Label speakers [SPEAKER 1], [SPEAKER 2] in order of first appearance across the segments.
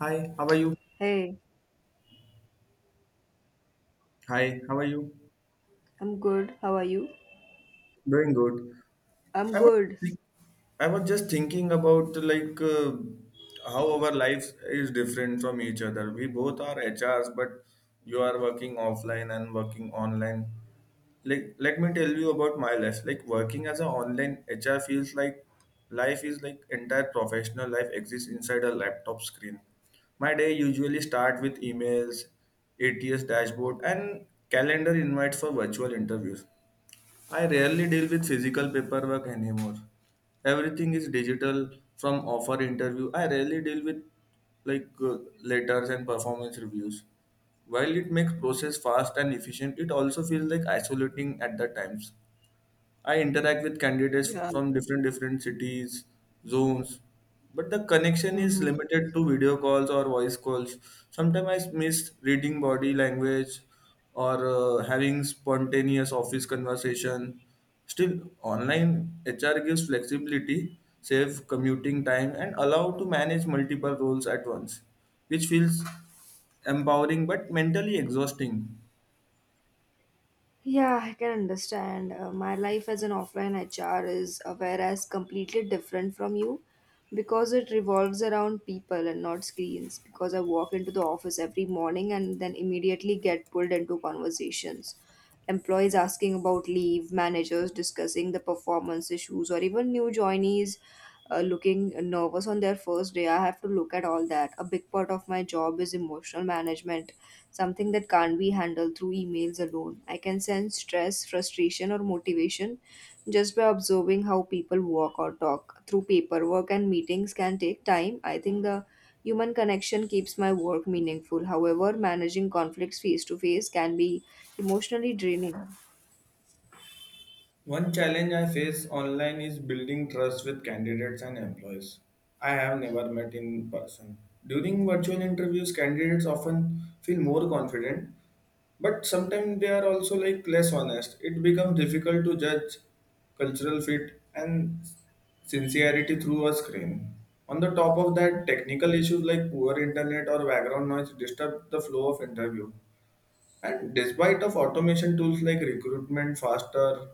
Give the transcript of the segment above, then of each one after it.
[SPEAKER 1] Hi, how are you?
[SPEAKER 2] Hey,
[SPEAKER 1] Hi, how are you?
[SPEAKER 2] I'm good. How are you?
[SPEAKER 1] Doing good.
[SPEAKER 2] I'm
[SPEAKER 1] I was
[SPEAKER 2] good.
[SPEAKER 1] thi- I was just thinking about how our lives is different from each other. We both are HRs, but you are working offline and working online. Like let me tell you about my life. Like working as an online HR feels like life is like entire professional life exists inside a laptop screen. My day usually start with emails, ATS dashboard, and calendar invites for virtual interviews. I rarely deal with physical paperwork anymore. Everything is digital, from offer interview. I rarely deal with like uh, letters and performance reviews. While it makes process fast and efficient, it also feels like isolating at the times. I interact with candidates
[SPEAKER 2] Yeah.
[SPEAKER 1] from different cities, zones, but the connection is
[SPEAKER 2] Mm-hmm.
[SPEAKER 1] limited to video calls or voice calls. Sometimes I miss reading body language or having spontaneous office conversation. Still, online HR gives flexibility, save commuting time, and allow to manage multiple roles at once, which feels empowering but mentally exhausting.
[SPEAKER 2] Yeah, I can understand. My life as an offline HR is, whereas, completely different from you because it revolves around people and not screens. Because I walk into the office every morning and then immediately get pulled into conversations. Employees asking about leave, managers discussing the performance issues, or even new joinees looking nervous on their first day. I have to look at all that. A big part of my job is emotional management, something that can't be handled through emails alone. I can sense stress, frustration, or motivation just by observing how people walk or talk. Through paperwork and meetings can take time. I think the human connection keeps my work meaningful. However, managing conflicts face to face can be emotionally draining.
[SPEAKER 1] One challenge I face online is building trust with candidates and employees I have never met in person. During virtual interviews, candidates often feel more confident, but sometimes they are also like less honest. It becomes difficult to judge cultural fit and sincerity through a screen. On the top of that, technical issues like poor internet or background noise disturb the flow of interview. And despite of automation tools like recruitment faster,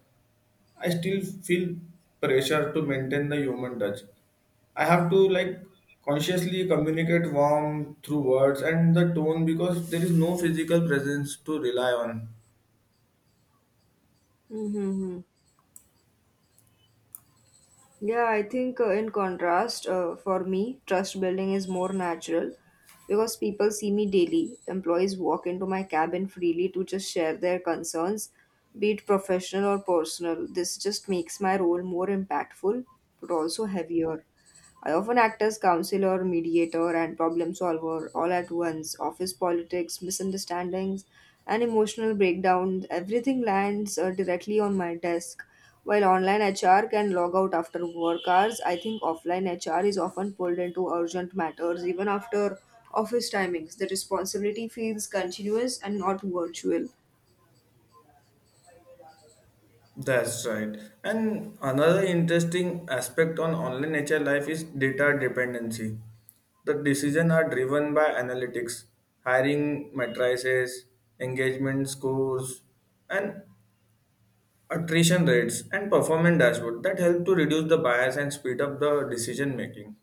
[SPEAKER 1] I still feel pressure to maintain the human touch. I have to like consciously communicate warmth through words and the tone because there is no physical presence to rely on.
[SPEAKER 2] Mm-hmm. Yeah, I think in contrast, for me, trust building is more natural because people see me daily. Employees walk into my cabin freely to just share their concerns, be it professional or personal. This just makes my role more impactful but also heavier. I often act as counselor, mediator, and problem solver all at once. Office politics, misunderstandings, and emotional breakdowns, everything lands directly on my desk. While online HR can log out after work hours, I think offline HR is often pulled into urgent matters even after office timings. The responsibility feels continuous and not virtual.
[SPEAKER 1] That's right. And another interesting aspect on online nature life is data dependency. The decisions are driven by analytics, hiring matrices, engagement scores, and attrition rates, and performance dashboard that help to reduce the bias and speed up the decision making.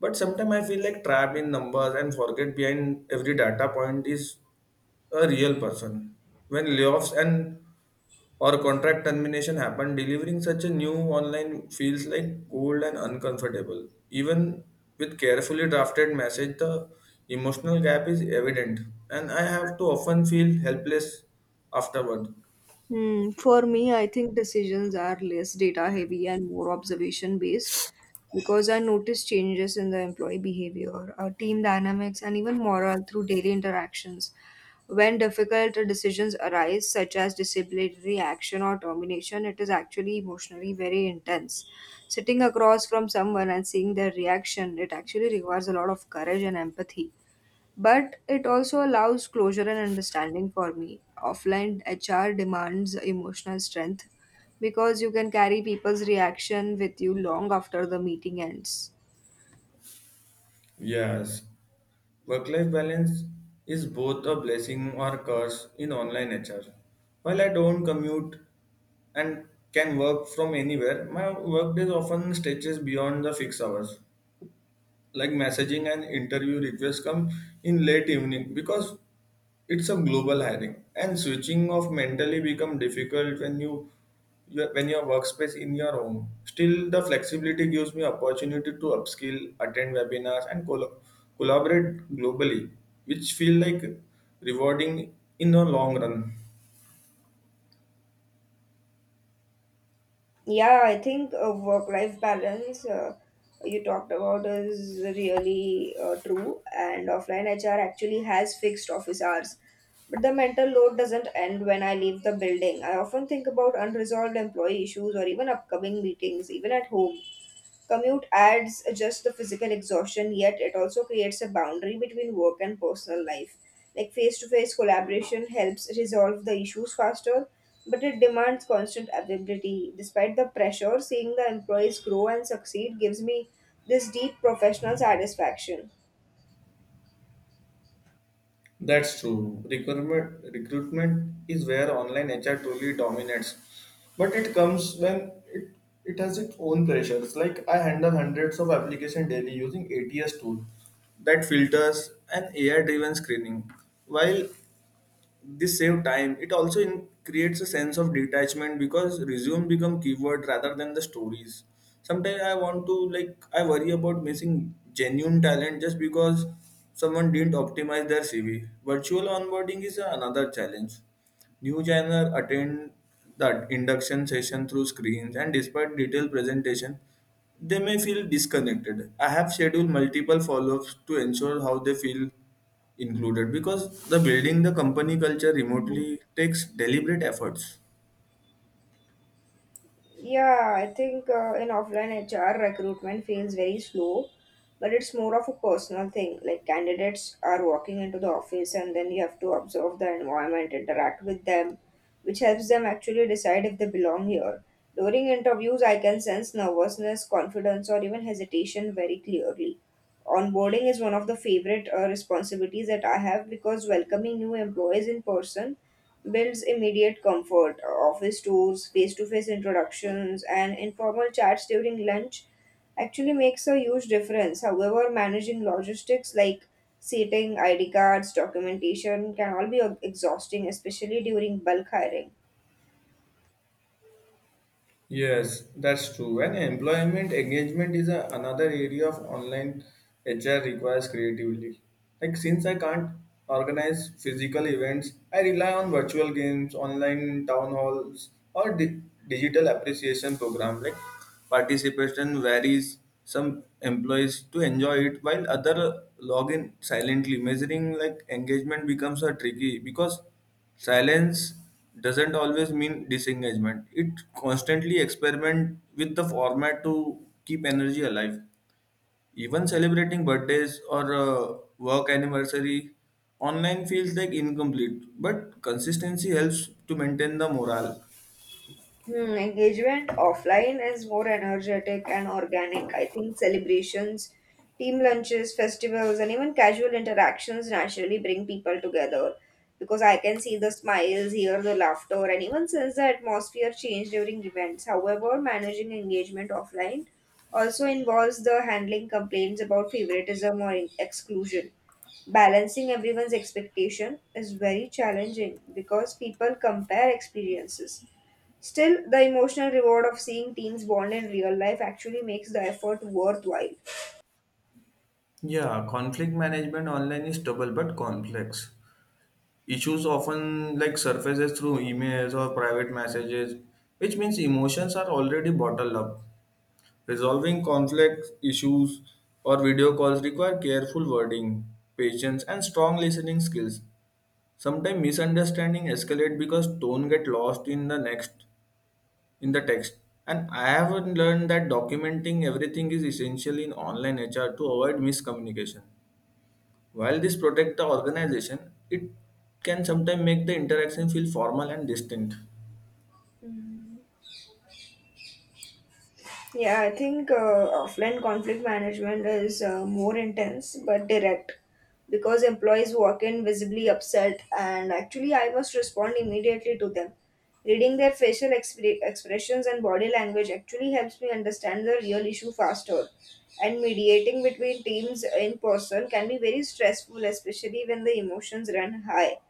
[SPEAKER 1] But sometimes I feel like trapped in numbers and forget behind every data point is a real person. When layoffs and or contract termination happen, delivering such a new online feels like cold and uncomfortable. Even with carefully drafted message, the emotional gap is evident, and I have to often feel helpless afterward.
[SPEAKER 2] Hmm. For me, I think decisions are less data heavy and more observation based because I notice changes in the employee behavior, team dynamics, and even morale through daily interactions. When difficult decisions arise, such as disciplinary action or termination, it is actually emotionally very intense. Sitting across from someone and seeing their reaction, it actually requires a lot of courage and empathy. But it also allows closure and understanding for me. Offline HR demands emotional strength because you can carry people's reaction with you long after the meeting ends.
[SPEAKER 1] Yes, work life balance is both a blessing or curse in online nature. While I don't commute and can work from anywhere, my workdays often stretches beyond the fixed hours, like messaging and interview requests come in late evening because it's a global hiring, and switching off mentally become difficult when when your workspace in your home. Still, the flexibility gives me opportunity to upskill, attend webinars, and collaborate globally, which feel like rewarding in the long run.
[SPEAKER 2] Yeah, I think work life balance you talked about is really true, and offline HR actually has fixed office hours. But the mental load doesn't end when I leave the building. I often think about unresolved employee issues or even upcoming meetings, even at home. Commute adds just the physical exhaustion, yet it also creates a boundary between work and personal life. Like face to face collaboration helps resolve the issues faster, but it demands constant availability. Despite the pressure, seeing the employees grow and succeed gives me this deep professional satisfaction.
[SPEAKER 1] That's true. Recruitment is where online HR truly dominates. But it comes when it has its own pressures. Like I handle hundreds of application daily using ATS tool that filters and AI driven screening. While this save time, it also creates a sense of detachment because resume become keyword rather than the stories. Sometimes I want to like I worry about missing genuine talent just because someone didn't optimize their CV. Virtual onboarding is another challenge. New joiner attend the induction session through screens, and despite detailed presentation, they may feel disconnected. I have scheduled multiple follow-ups to ensure how they feel included because the building the company culture remotely takes deliberate efforts.
[SPEAKER 2] Yeah, I think in offline HR recruitment feels very slow, but it's more of a personal thing. Like candidates are walking into the office and then you have to observe the environment, interact with them, which helps them actually decide if they belong here. During interviews, I can sense nervousness, confidence, or even hesitation very clearly. Onboarding is one of the favorite responsibilities that I have because welcoming new employees in person builds immediate comfort, office tours, face to face introductions, and informal chats during lunch actually makes a huge difference. However, managing logistics like seating, ID cards, documentation can all be exhausting, especially during bulk hiring.
[SPEAKER 1] Yes, that's true. And employment engagement is another area of online HR requires creativity. Like since I can't organize physical events, I rely on virtual games, online town halls, or digital appreciation program. Like participation varies. Some employees to enjoy it while other log in silently. Measuring like engagement becomes a tricky because silence doesn't always mean disengagement. It constantly experiment with the format to keep energy alive. Even celebrating birthdays or work anniversary online feels like incomplete, but consistency helps to maintain the morale.
[SPEAKER 2] Hmm, engagement offline is more energetic and organic. I think celebrations, team lunches, festivals, and even casual interactions naturally bring people together because I can see the smiles, hear the laughter, and even sense the atmosphere change during events. However, managing engagement offline also involves the handling complaints about favoritism or exclusion. Balancing everyone's expectation is very challenging because people compare experiences. Still, the emotional reward of seeing teens bond in real life actually makes the effort worthwhile.
[SPEAKER 1] Yeah, conflict management online is double but complex. Issues often like surfaces through emails or private messages, which means emotions are already bottled up. Resolving conflict issues or video calls require careful wording, patience, and strong listening skills. Sometimes misunderstanding escalate because tone get lost in the next in the text. And I have learned that documenting everything is essential in online HR to avoid miscommunication. While this protects the organization, it can sometimes make the interaction feel formal and distant.
[SPEAKER 2] Yeah, I think offline conflict management is more intense but direct because employees walk in visibly upset, and actually, I must respond immediately to them. Reading their expressions and body language actually helps me understand the real issue faster. And mediating between teams in person can be very stressful, especially when the emotions run high.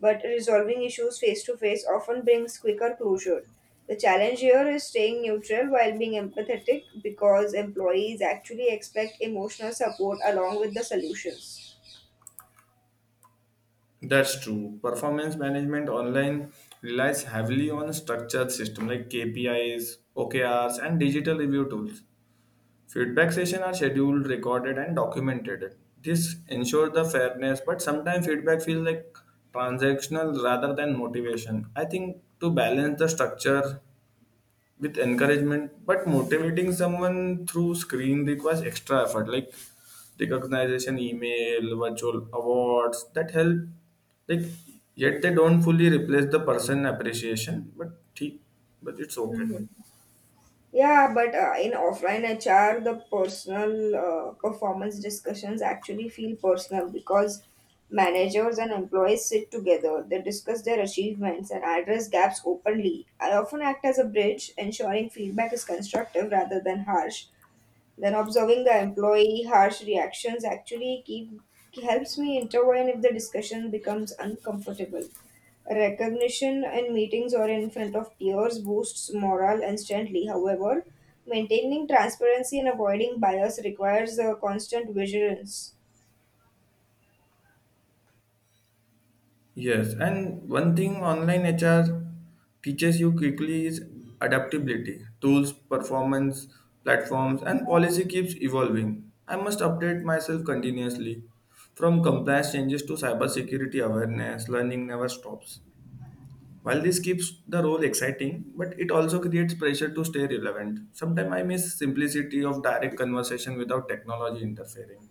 [SPEAKER 2] But resolving issues face to face often brings quicker closure. The challenge here is staying neutral while being empathetic because employees actually expect emotional support along with the solutions.
[SPEAKER 1] That's true. Performance management online relies heavily on a structured system like KPIs, OKRs, and digital review tools. Feedback sessions are scheduled, recorded, and documented. This ensures the fairness, but sometimes feedback feels like transactional rather than motivation. I think to balance the structure with encouragement but motivating someone through screen requires extra effort like recognition email, virtual awards that help like yet they don't fully replace the person appreciation, but it's okay.
[SPEAKER 2] Hmm. Yeah, but in offline HR, the personal performance discussions actually feel personal because managers and employees sit together. They discuss their achievements and address gaps openly. I often act as a bridge, ensuring feedback is constructive rather than harsh. Then observing the employee harsh reactions actually keep Helps me intervene if the discussion becomes uncomfortable. Recognition in meetings or in front of peers boosts morale instantly. However, maintaining transparency and avoiding bias requires a constant vigilance.
[SPEAKER 1] Yes, and one thing online HR teaches you quickly is adaptability. Tools, performance, platforms, and policy keeps evolving. I must update myself continuously. From compliance changes to cybersecurity awareness, learning never stops. While this keeps the role exciting, but it also creates pressure to stay relevant. Sometimes I miss simplicity of direct conversation without technology interfering.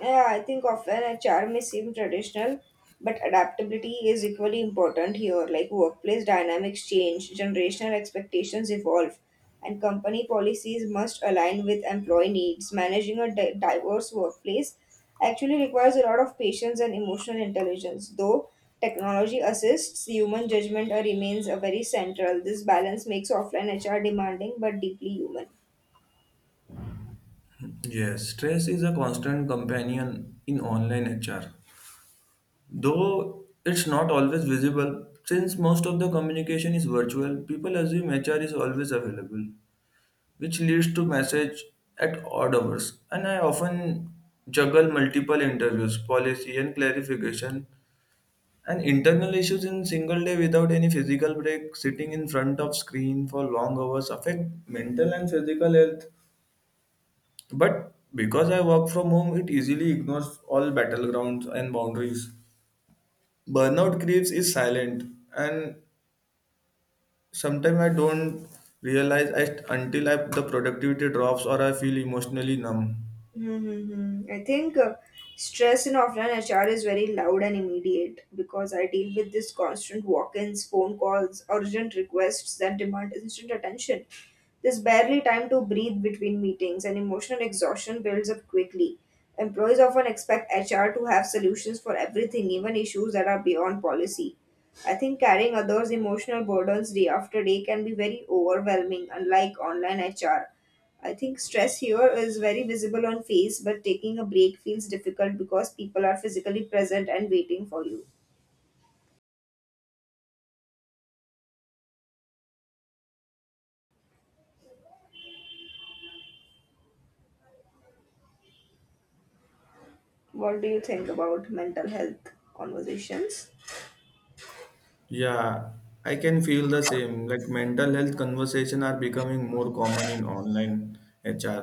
[SPEAKER 2] Yeah, I think often HR may seem traditional, but adaptability is equally important here. Like workplace dynamics change, generational expectations evolve, and company policies must align with employee needs. Managing a diverse workplace actually requires a lot of patience and emotional intelligence. Though technology assists, human judgment remains a very central. This balance makes offline HR demanding but deeply human.
[SPEAKER 1] Yes, stress is a constant companion in online HR. Though it's not always visible, since most of the communication is virtual, people assume HR is always available, which leads to message at odd hours. And I often juggle multiple interviews, policy and clarification, and internal issues in single day without any physical break. Sitting in front of screen for long hours affect mental and physical health. But because I work from home, it easily ignores all battlegrounds and boundaries. Burnout creeps is silent, and sometimes I don't realize it until the productivity drops or I feel emotionally numb.
[SPEAKER 2] Mm-hmm. I think stress in offline HR is very loud and immediate because I deal with this constant walk ins, phone calls, urgent requests that demand instant attention. There's barely time to breathe between meetings, and emotional exhaustion builds up quickly. Employees often expect HR to have solutions for everything, even issues that are beyond policy. I think carrying others' emotional burdens day after day can be very overwhelming. Unlike online HR, I think stress here is very visible on face, but taking a break feels difficult because people are physically present and waiting for you. What do you think about mental health conversations?
[SPEAKER 1] Yeah, I can feel the same. Like mental health conversation are becoming more common in online HR,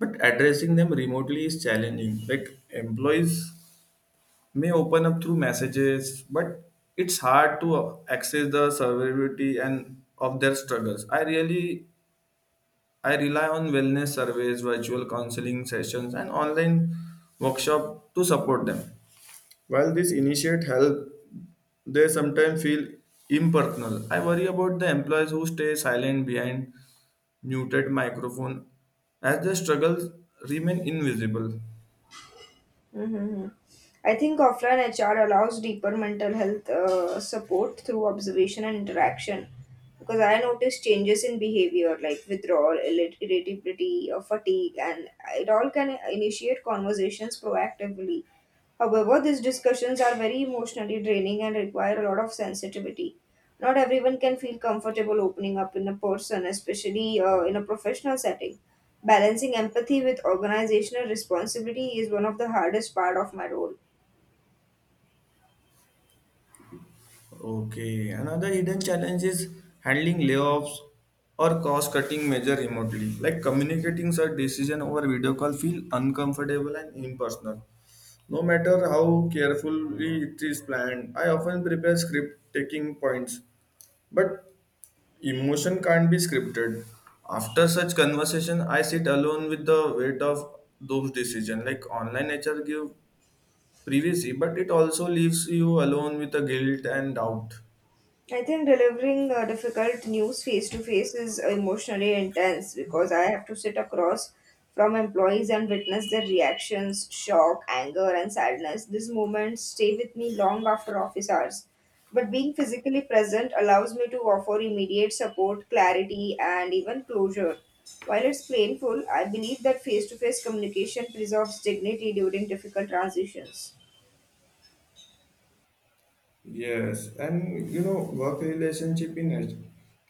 [SPEAKER 1] but addressing them remotely is challenging. Like employees may open up through messages but it's hard to access the severity and of their struggles. I rely on wellness surveys, virtual counseling sessions, and online workshop to support them. While these initiate help, they sometimes feel impersonal. I worry about the employees who stay silent behind muted microphone as their struggles remain invisible.
[SPEAKER 2] Mm-hmm. I think offline HR allows deeper mental health support through observation and interaction because I noticed changes in behavior like withdrawal, irritability, or fatigue, and it all can initiate conversations proactively. However, these discussions are very emotionally draining and require a lot of sensitivity. Not everyone can feel comfortable opening up in a person, especially in a professional setting. Balancing empathy with organizational responsibility is one of the hardest part of my role.
[SPEAKER 1] Okay, another hidden challenge is handling layoffs or cost cutting measure remotely. Like communicating such decision over video call feel uncomfortable and impersonal, no matter how carefully it is planned. I often prepare script taking points, but emotion can't be scripted. After such conversation, I sit alone with the weight of those decisions. Like online nature give privacy, but it also leaves you alone with the guilt and doubt.
[SPEAKER 2] I think delivering difficult news face to face is emotionally intense because I have to sit across from employees and witness their reactions, shock, anger, and sadness. These moments stay with me long after office hours. But being physically present allows me to offer immediate support, clarity, and even closure. While it's painful, I believe that face to face communication preserves dignity during difficult transitions.
[SPEAKER 1] Yes, and you know, work relationship in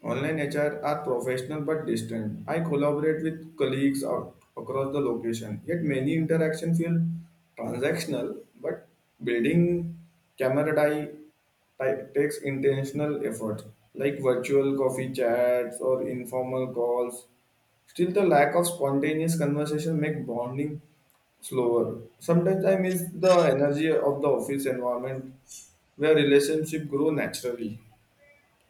[SPEAKER 1] online HR are professional but distant. I collaborate with colleagues out across the location, yet many interactions feel transactional, but building camaraderie takes intentional effort, like virtual coffee chats or informal calls. Still, the lack of spontaneous conversation make bonding slower. Sometimes I miss the energy of the office environment where relationship grow naturally.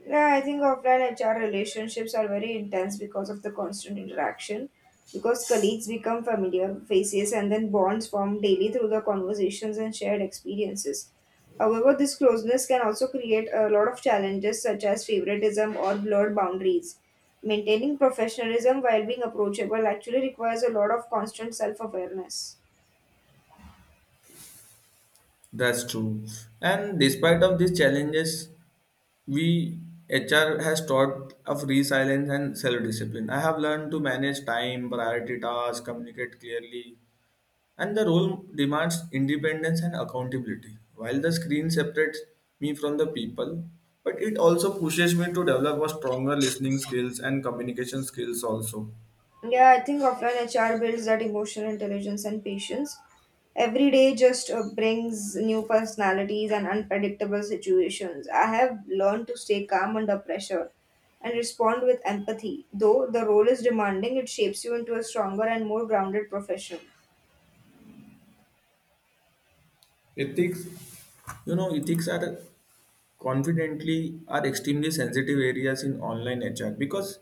[SPEAKER 2] Yeah, I think offline HR relationships are very intense because of the constant interaction. Because colleagues become familiar faces and then bonds form daily through the conversations and shared experiences. However, this closeness can also create a lot of challenges such as favoritism or blurred boundaries. Maintaining professionalism while being approachable actually requires a lot of constant self awareness.
[SPEAKER 1] That's true. And despite of these challenges, we HR has taught of resilience and self-discipline. I have learned to manage time, priority tasks, communicate clearly, and the role demands independence and accountability. While the screen separates me from the people, but it also pushes me to develop a stronger listening skills and communication skills also.
[SPEAKER 2] Yeah, I think offline HR builds that emotional intelligence and patience. Every day just brings new personalities and unpredictable situations. I have learned to stay calm under pressure and respond with empathy. Though the role is demanding, it shapes you into a stronger and more grounded professional.
[SPEAKER 1] Ethics. You know, ethics are confidently are extremely sensitive areas in online HR because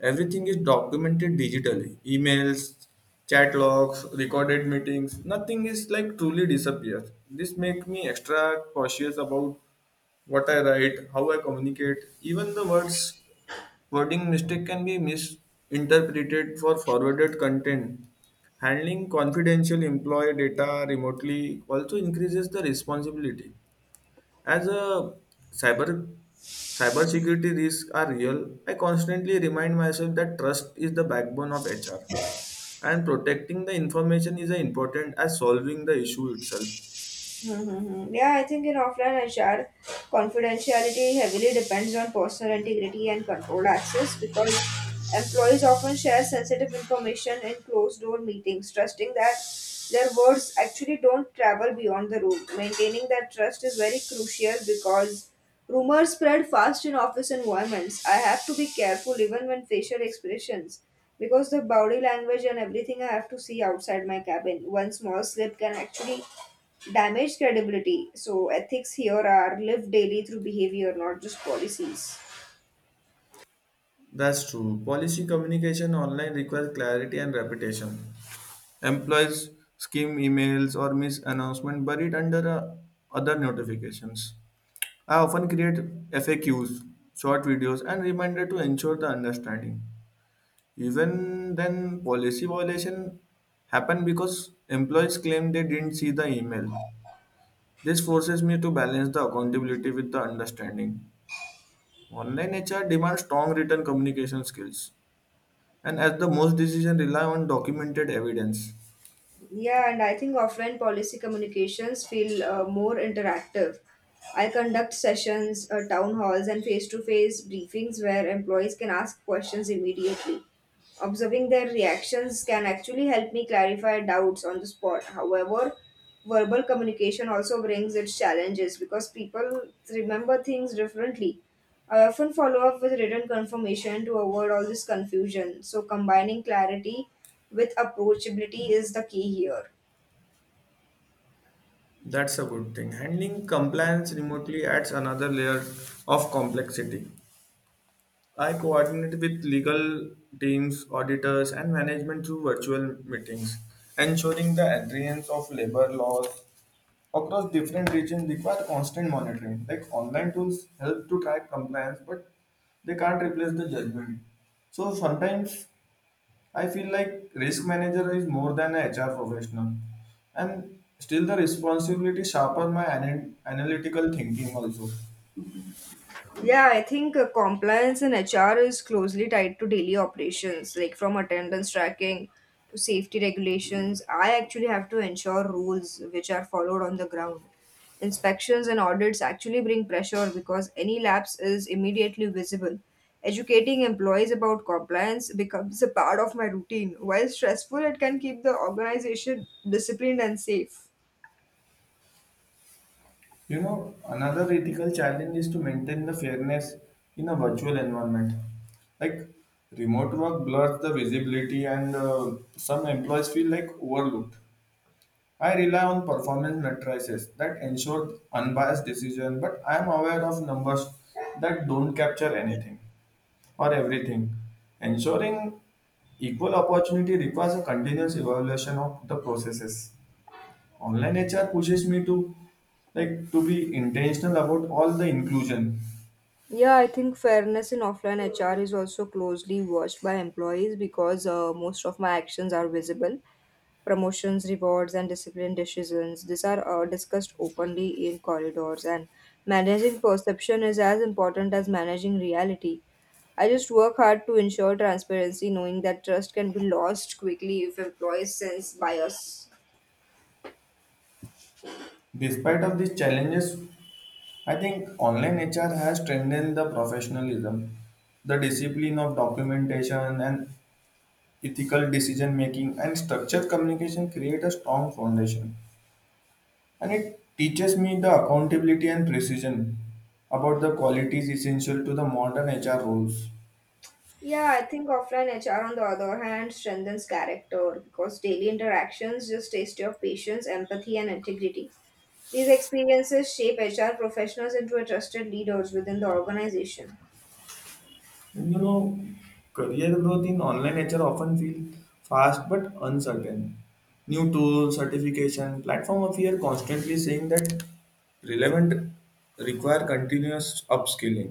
[SPEAKER 1] everything is documented digitally. Emails, chat logs, recorded meetings, nothing is like truly disappears. This makes me extra cautious about what I write, how I communicate. Even the words wording mistake can be misinterpreted for forwarded content. Handling confidential employee data remotely also increases the responsibility. As a cyber cybersecurity risks are real, I constantly remind myself that trust is the backbone of HR, and protecting the information is as important as solving the issue itself.
[SPEAKER 2] Mm-hmm. Yeah, I think in offline HR, confidentiality heavily depends on personal integrity and controlled access because employees often share sensitive information in closed door meetings, trusting that their words actually don't travel beyond the room. Maintaining that trust is very crucial because rumors spread fast in office environments. I have to be careful even when facial expressions. Because the body language and everything I have to see outside my cabin. One small slip can actually damage credibility. So ethics here are lived daily through behavior, not just policies.
[SPEAKER 1] That's true. Policy communication online requires clarity and reputation. Employees skim emails or miss announcement buried under other notifications. I often create FAQs, short videos, and reminder to ensure the understanding. Even then, policy violation happened because employees claimed they didn't see the email. This forces me to balance the accountability with the understanding. Online HR demands strong written communication skills, and as the most decisions rely on documented evidence.
[SPEAKER 2] Yeah, and I think offline policy communications feel more interactive. I conduct sessions, town halls, and face to face briefings where employees can ask questions immediately. Observing their reactions can actually help me clarify doubts on the spot. However, verbal communication also brings its challenges because people remember things differently. I often follow up with written confirmation to avoid all this confusion. So, combining clarity with approachability is the key here.
[SPEAKER 1] That's a good thing. Handling compliance remotely adds another layer of complexity. I coordinate with legal teams, auditors, and management through virtual meetings, ensuring the adherence of labor laws across different regions require constant monitoring. Like online tools help to track compliance, but they can't replace the judgment. So sometimes I feel like risk manager is more than a HR professional, and still the responsibility sharpen my analytical thinking also.
[SPEAKER 2] Yeah, I think compliance in HR is closely tied to daily operations, like from attendance tracking to safety regulations. I actually have to ensure rules which are followed on the ground. Inspections and audits actually bring pressure because any lapse is immediately visible. Educating employees about compliance becomes a part of my routine. While stressful, it can keep the organization disciplined and safe.
[SPEAKER 1] You know, another ethical challenge is to maintain the fairness in a virtual environment. Like remote work blurs the visibility, and some employees feel like overlooked. I rely on performance matrices that ensure unbiased decision, but I am aware of numbers that don't capture anything or everything. Ensuring equal opportunity requires a continuous evaluation of the processes. Online HR pushes me to to be intentional about all the inclusion.
[SPEAKER 2] Yeah, I think fairness in offline HR is also closely watched by employees because most of my actions are visible. Promotions, rewards, and discipline decisions. These are discussed openly in corridors, and managing perception is as important as managing reality. I just work hard to ensure transparency, knowing that trust can be lost quickly if employees sense bias.
[SPEAKER 1] Despite of these challenges, I think online HR has strengthened the professionalism, the discipline of documentation and ethical decision making, and structured communication create a strong foundation, and it teaches me the accountability and precision about the qualities essential to the modern HR roles.
[SPEAKER 2] Yeah, I think offline HR, on the other hand, strengthens character because daily interactions just test your patience, empathy, and integrity. These experiences shape HR professionals into a trusted leaders within the organization.
[SPEAKER 1] And career growth in online HR often feels fast but uncertain. New tools certification platform of here constantly saying that relevant require continuous upskilling.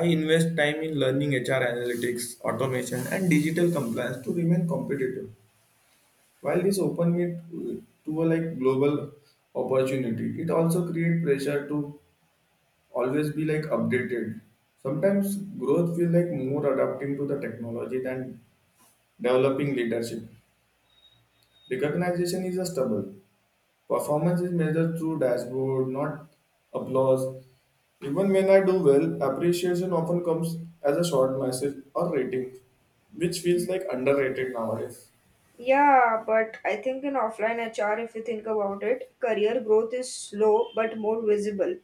[SPEAKER 1] I invest time in learning HR analytics, automation, and digital compliance to remain competitive. While this opens me to, a like global opportunity, it also creates pressure to always be like updated. Sometimes growth feels like more adapting to the technology than developing leadership. Recognition is a stubble. Performance is measured through dashboard, not applause. Even when I do well, appreciation often comes as a short message or rating, which feels like underrated nowadays.
[SPEAKER 2] Yeah, but I think in offline HR, if you think about it, career growth is slow but more visible.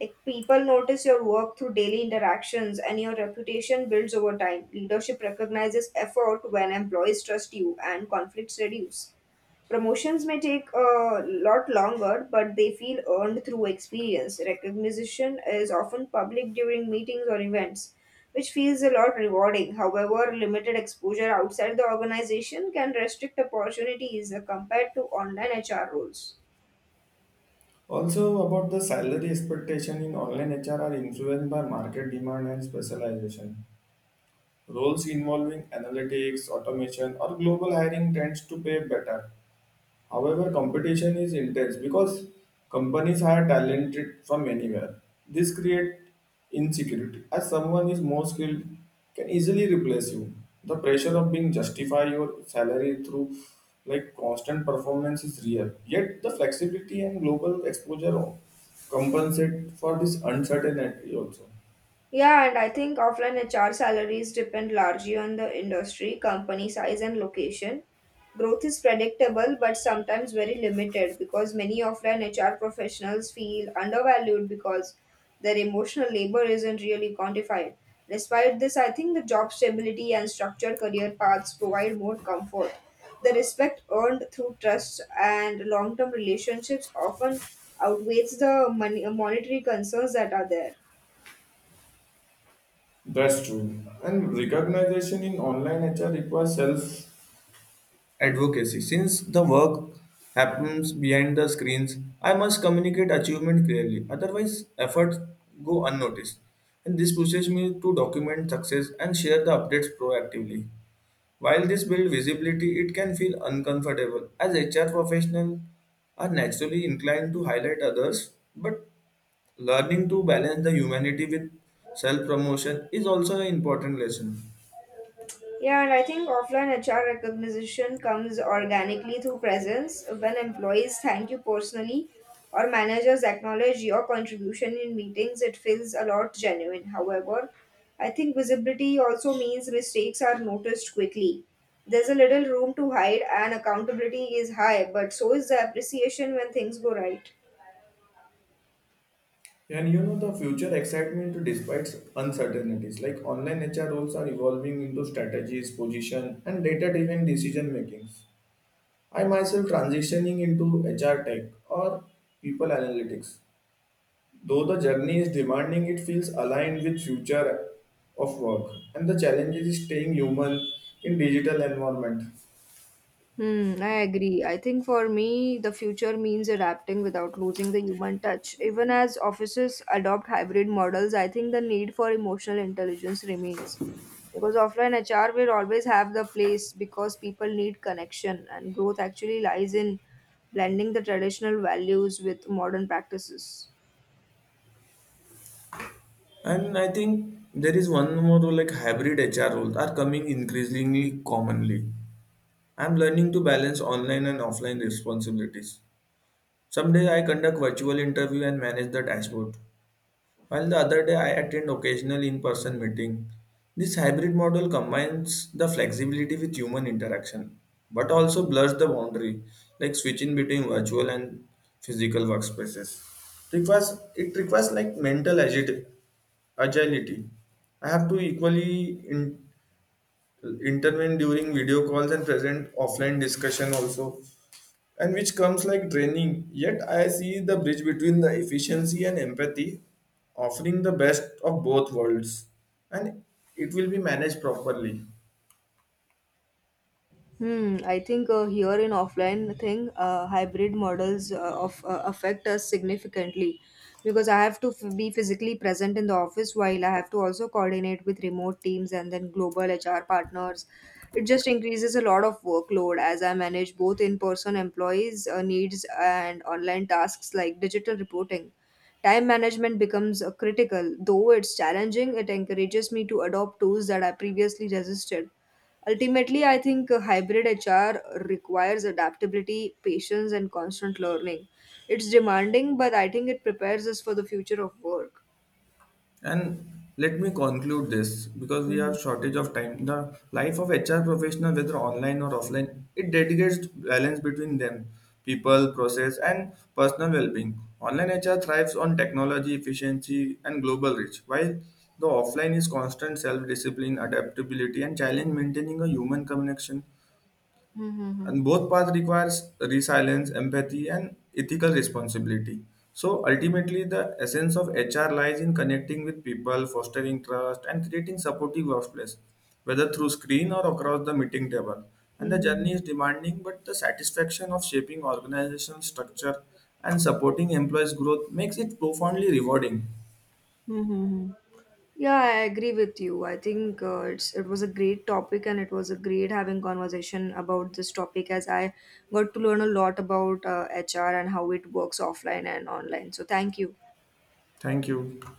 [SPEAKER 2] Like people notice your work through daily interactions and your reputation builds over time. Leadership recognizes effort when employees trust you and conflicts reduce. Promotions may take a lot longer, but they feel earned through experience. Recognition is often public during meetings or events, which feels a lot rewarding. However, limited exposure outside the organization can restrict opportunities compared to online HR roles.
[SPEAKER 1] Also, about the salary expectation in online HR are influenced by market demand and specialization. Roles involving analytics, automation, or global hiring tends to pay better. However, competition is intense because companies hire talented from anywhere. This creates insecurity as someone is more skilled can easily replace you. The pressure of being justify your salary through like constant performance is real. Yet the flexibility and global exposure compensate for this uncertainty also.
[SPEAKER 2] Yeah, and I think offline HR salaries depend largely on the industry, company size, and location. Growth is predictable but sometimes very limited because many offline HR professionals feel undervalued because their emotional labor isn't really quantified. Despite this, I think the job stability and structured career paths provide more comfort. The respect earned through trust and long term relationships often outweighs the money, monetary concerns that are there.
[SPEAKER 1] That's true. And recognition in online HR requires self advocacy. Since the work happens behind the screens, I must communicate achievement clearly; otherwise, efforts go unnoticed. And this pushes me to document success and share the updates proactively. While this builds visibility, it can feel uncomfortable as HR professionals are naturally inclined to highlight others, but learning to balance the humanity with self promotion is also an important lesson.
[SPEAKER 2] Yeah, and I think offline HR recognition comes organically through presence when employees thank you personally or managers acknowledge your contribution in meetings, it feels a lot genuine. However, I think visibility also means mistakes are noticed quickly. There's a little room to hide, and accountability is high, but so is the appreciation when things go right.
[SPEAKER 1] And the future excitement despite uncertainties, like online HR roles are evolving into strategies, position, and data driven decision makings. I myself transitioning into HR tech or people analytics. Though the journey is demanding, it feels aligned with future of work, and the challenges is staying human in digital environment.
[SPEAKER 2] Hmm, I agree. I think for me, the future means adapting without losing the human touch. Even as offices adopt hybrid models, I think the need for emotional intelligence remains. Because offline HR will always have the place because people need connection, and growth actually lies in blending the traditional values with modern practices.
[SPEAKER 1] And I think there is one more role, like hybrid HR roles are coming increasingly commonly. I'm learning to balance online and offline responsibilities. Some days I conduct virtual interview and manage the dashboard, while the other day I attend occasional in-person meeting. This hybrid model combines the flexibility with human interaction, but also blurs the boundary, like switching between virtual and physical workspaces. Requires it requires like mental agility. I have to equally intervene during video calls and present offline discussion also, and which comes like training. Yet I see the bridge between the efficiency and empathy, offering the best of both worlds, and it will be managed properly.
[SPEAKER 2] Hmm, I think here in offline thing, hybrid models of affect us significantly because I have to be physically present in the office while I have to also coordinate with remote teams and then global HR partners. It just increases a lot of workload as I manage both in-person employees' needs and online tasks like digital reporting. Time management becomes critical, though it's challenging. It encourages me to adopt tools that I previously resisted. Ultimately, I think hybrid HR requires adaptability, patience, and constant learning. It's demanding, but I think it prepares us for the future of work.
[SPEAKER 1] And let me conclude this because we
[SPEAKER 2] Mhm.
[SPEAKER 1] have shortage of time. The life of HR professional, whether online or offline, it dedicates balance between them, people, process, and personal well-being. Online HR thrives on technology, efficiency, and global reach, while the offline is constant self-discipline, adaptability, and challenge maintaining a human connection.
[SPEAKER 2] Mhm.
[SPEAKER 1] And both paths requires resilience, empathy, and ethical responsibility. So ultimately the essence of HR lies in connecting with people, fostering trust, and creating supportive workplace, whether through screen or across the meeting table. And the journey
[SPEAKER 2] Mhm.
[SPEAKER 1] is demanding, but the satisfaction of shaping organizational structure and supporting employees growth makes it profoundly rewarding.
[SPEAKER 2] Mhm. Yeah, I agree with you. I think it was a great topic, and it was a great having conversation about this topic as I got to learn a lot about HR and how it works offline and online. So thank you.
[SPEAKER 1] Thank you.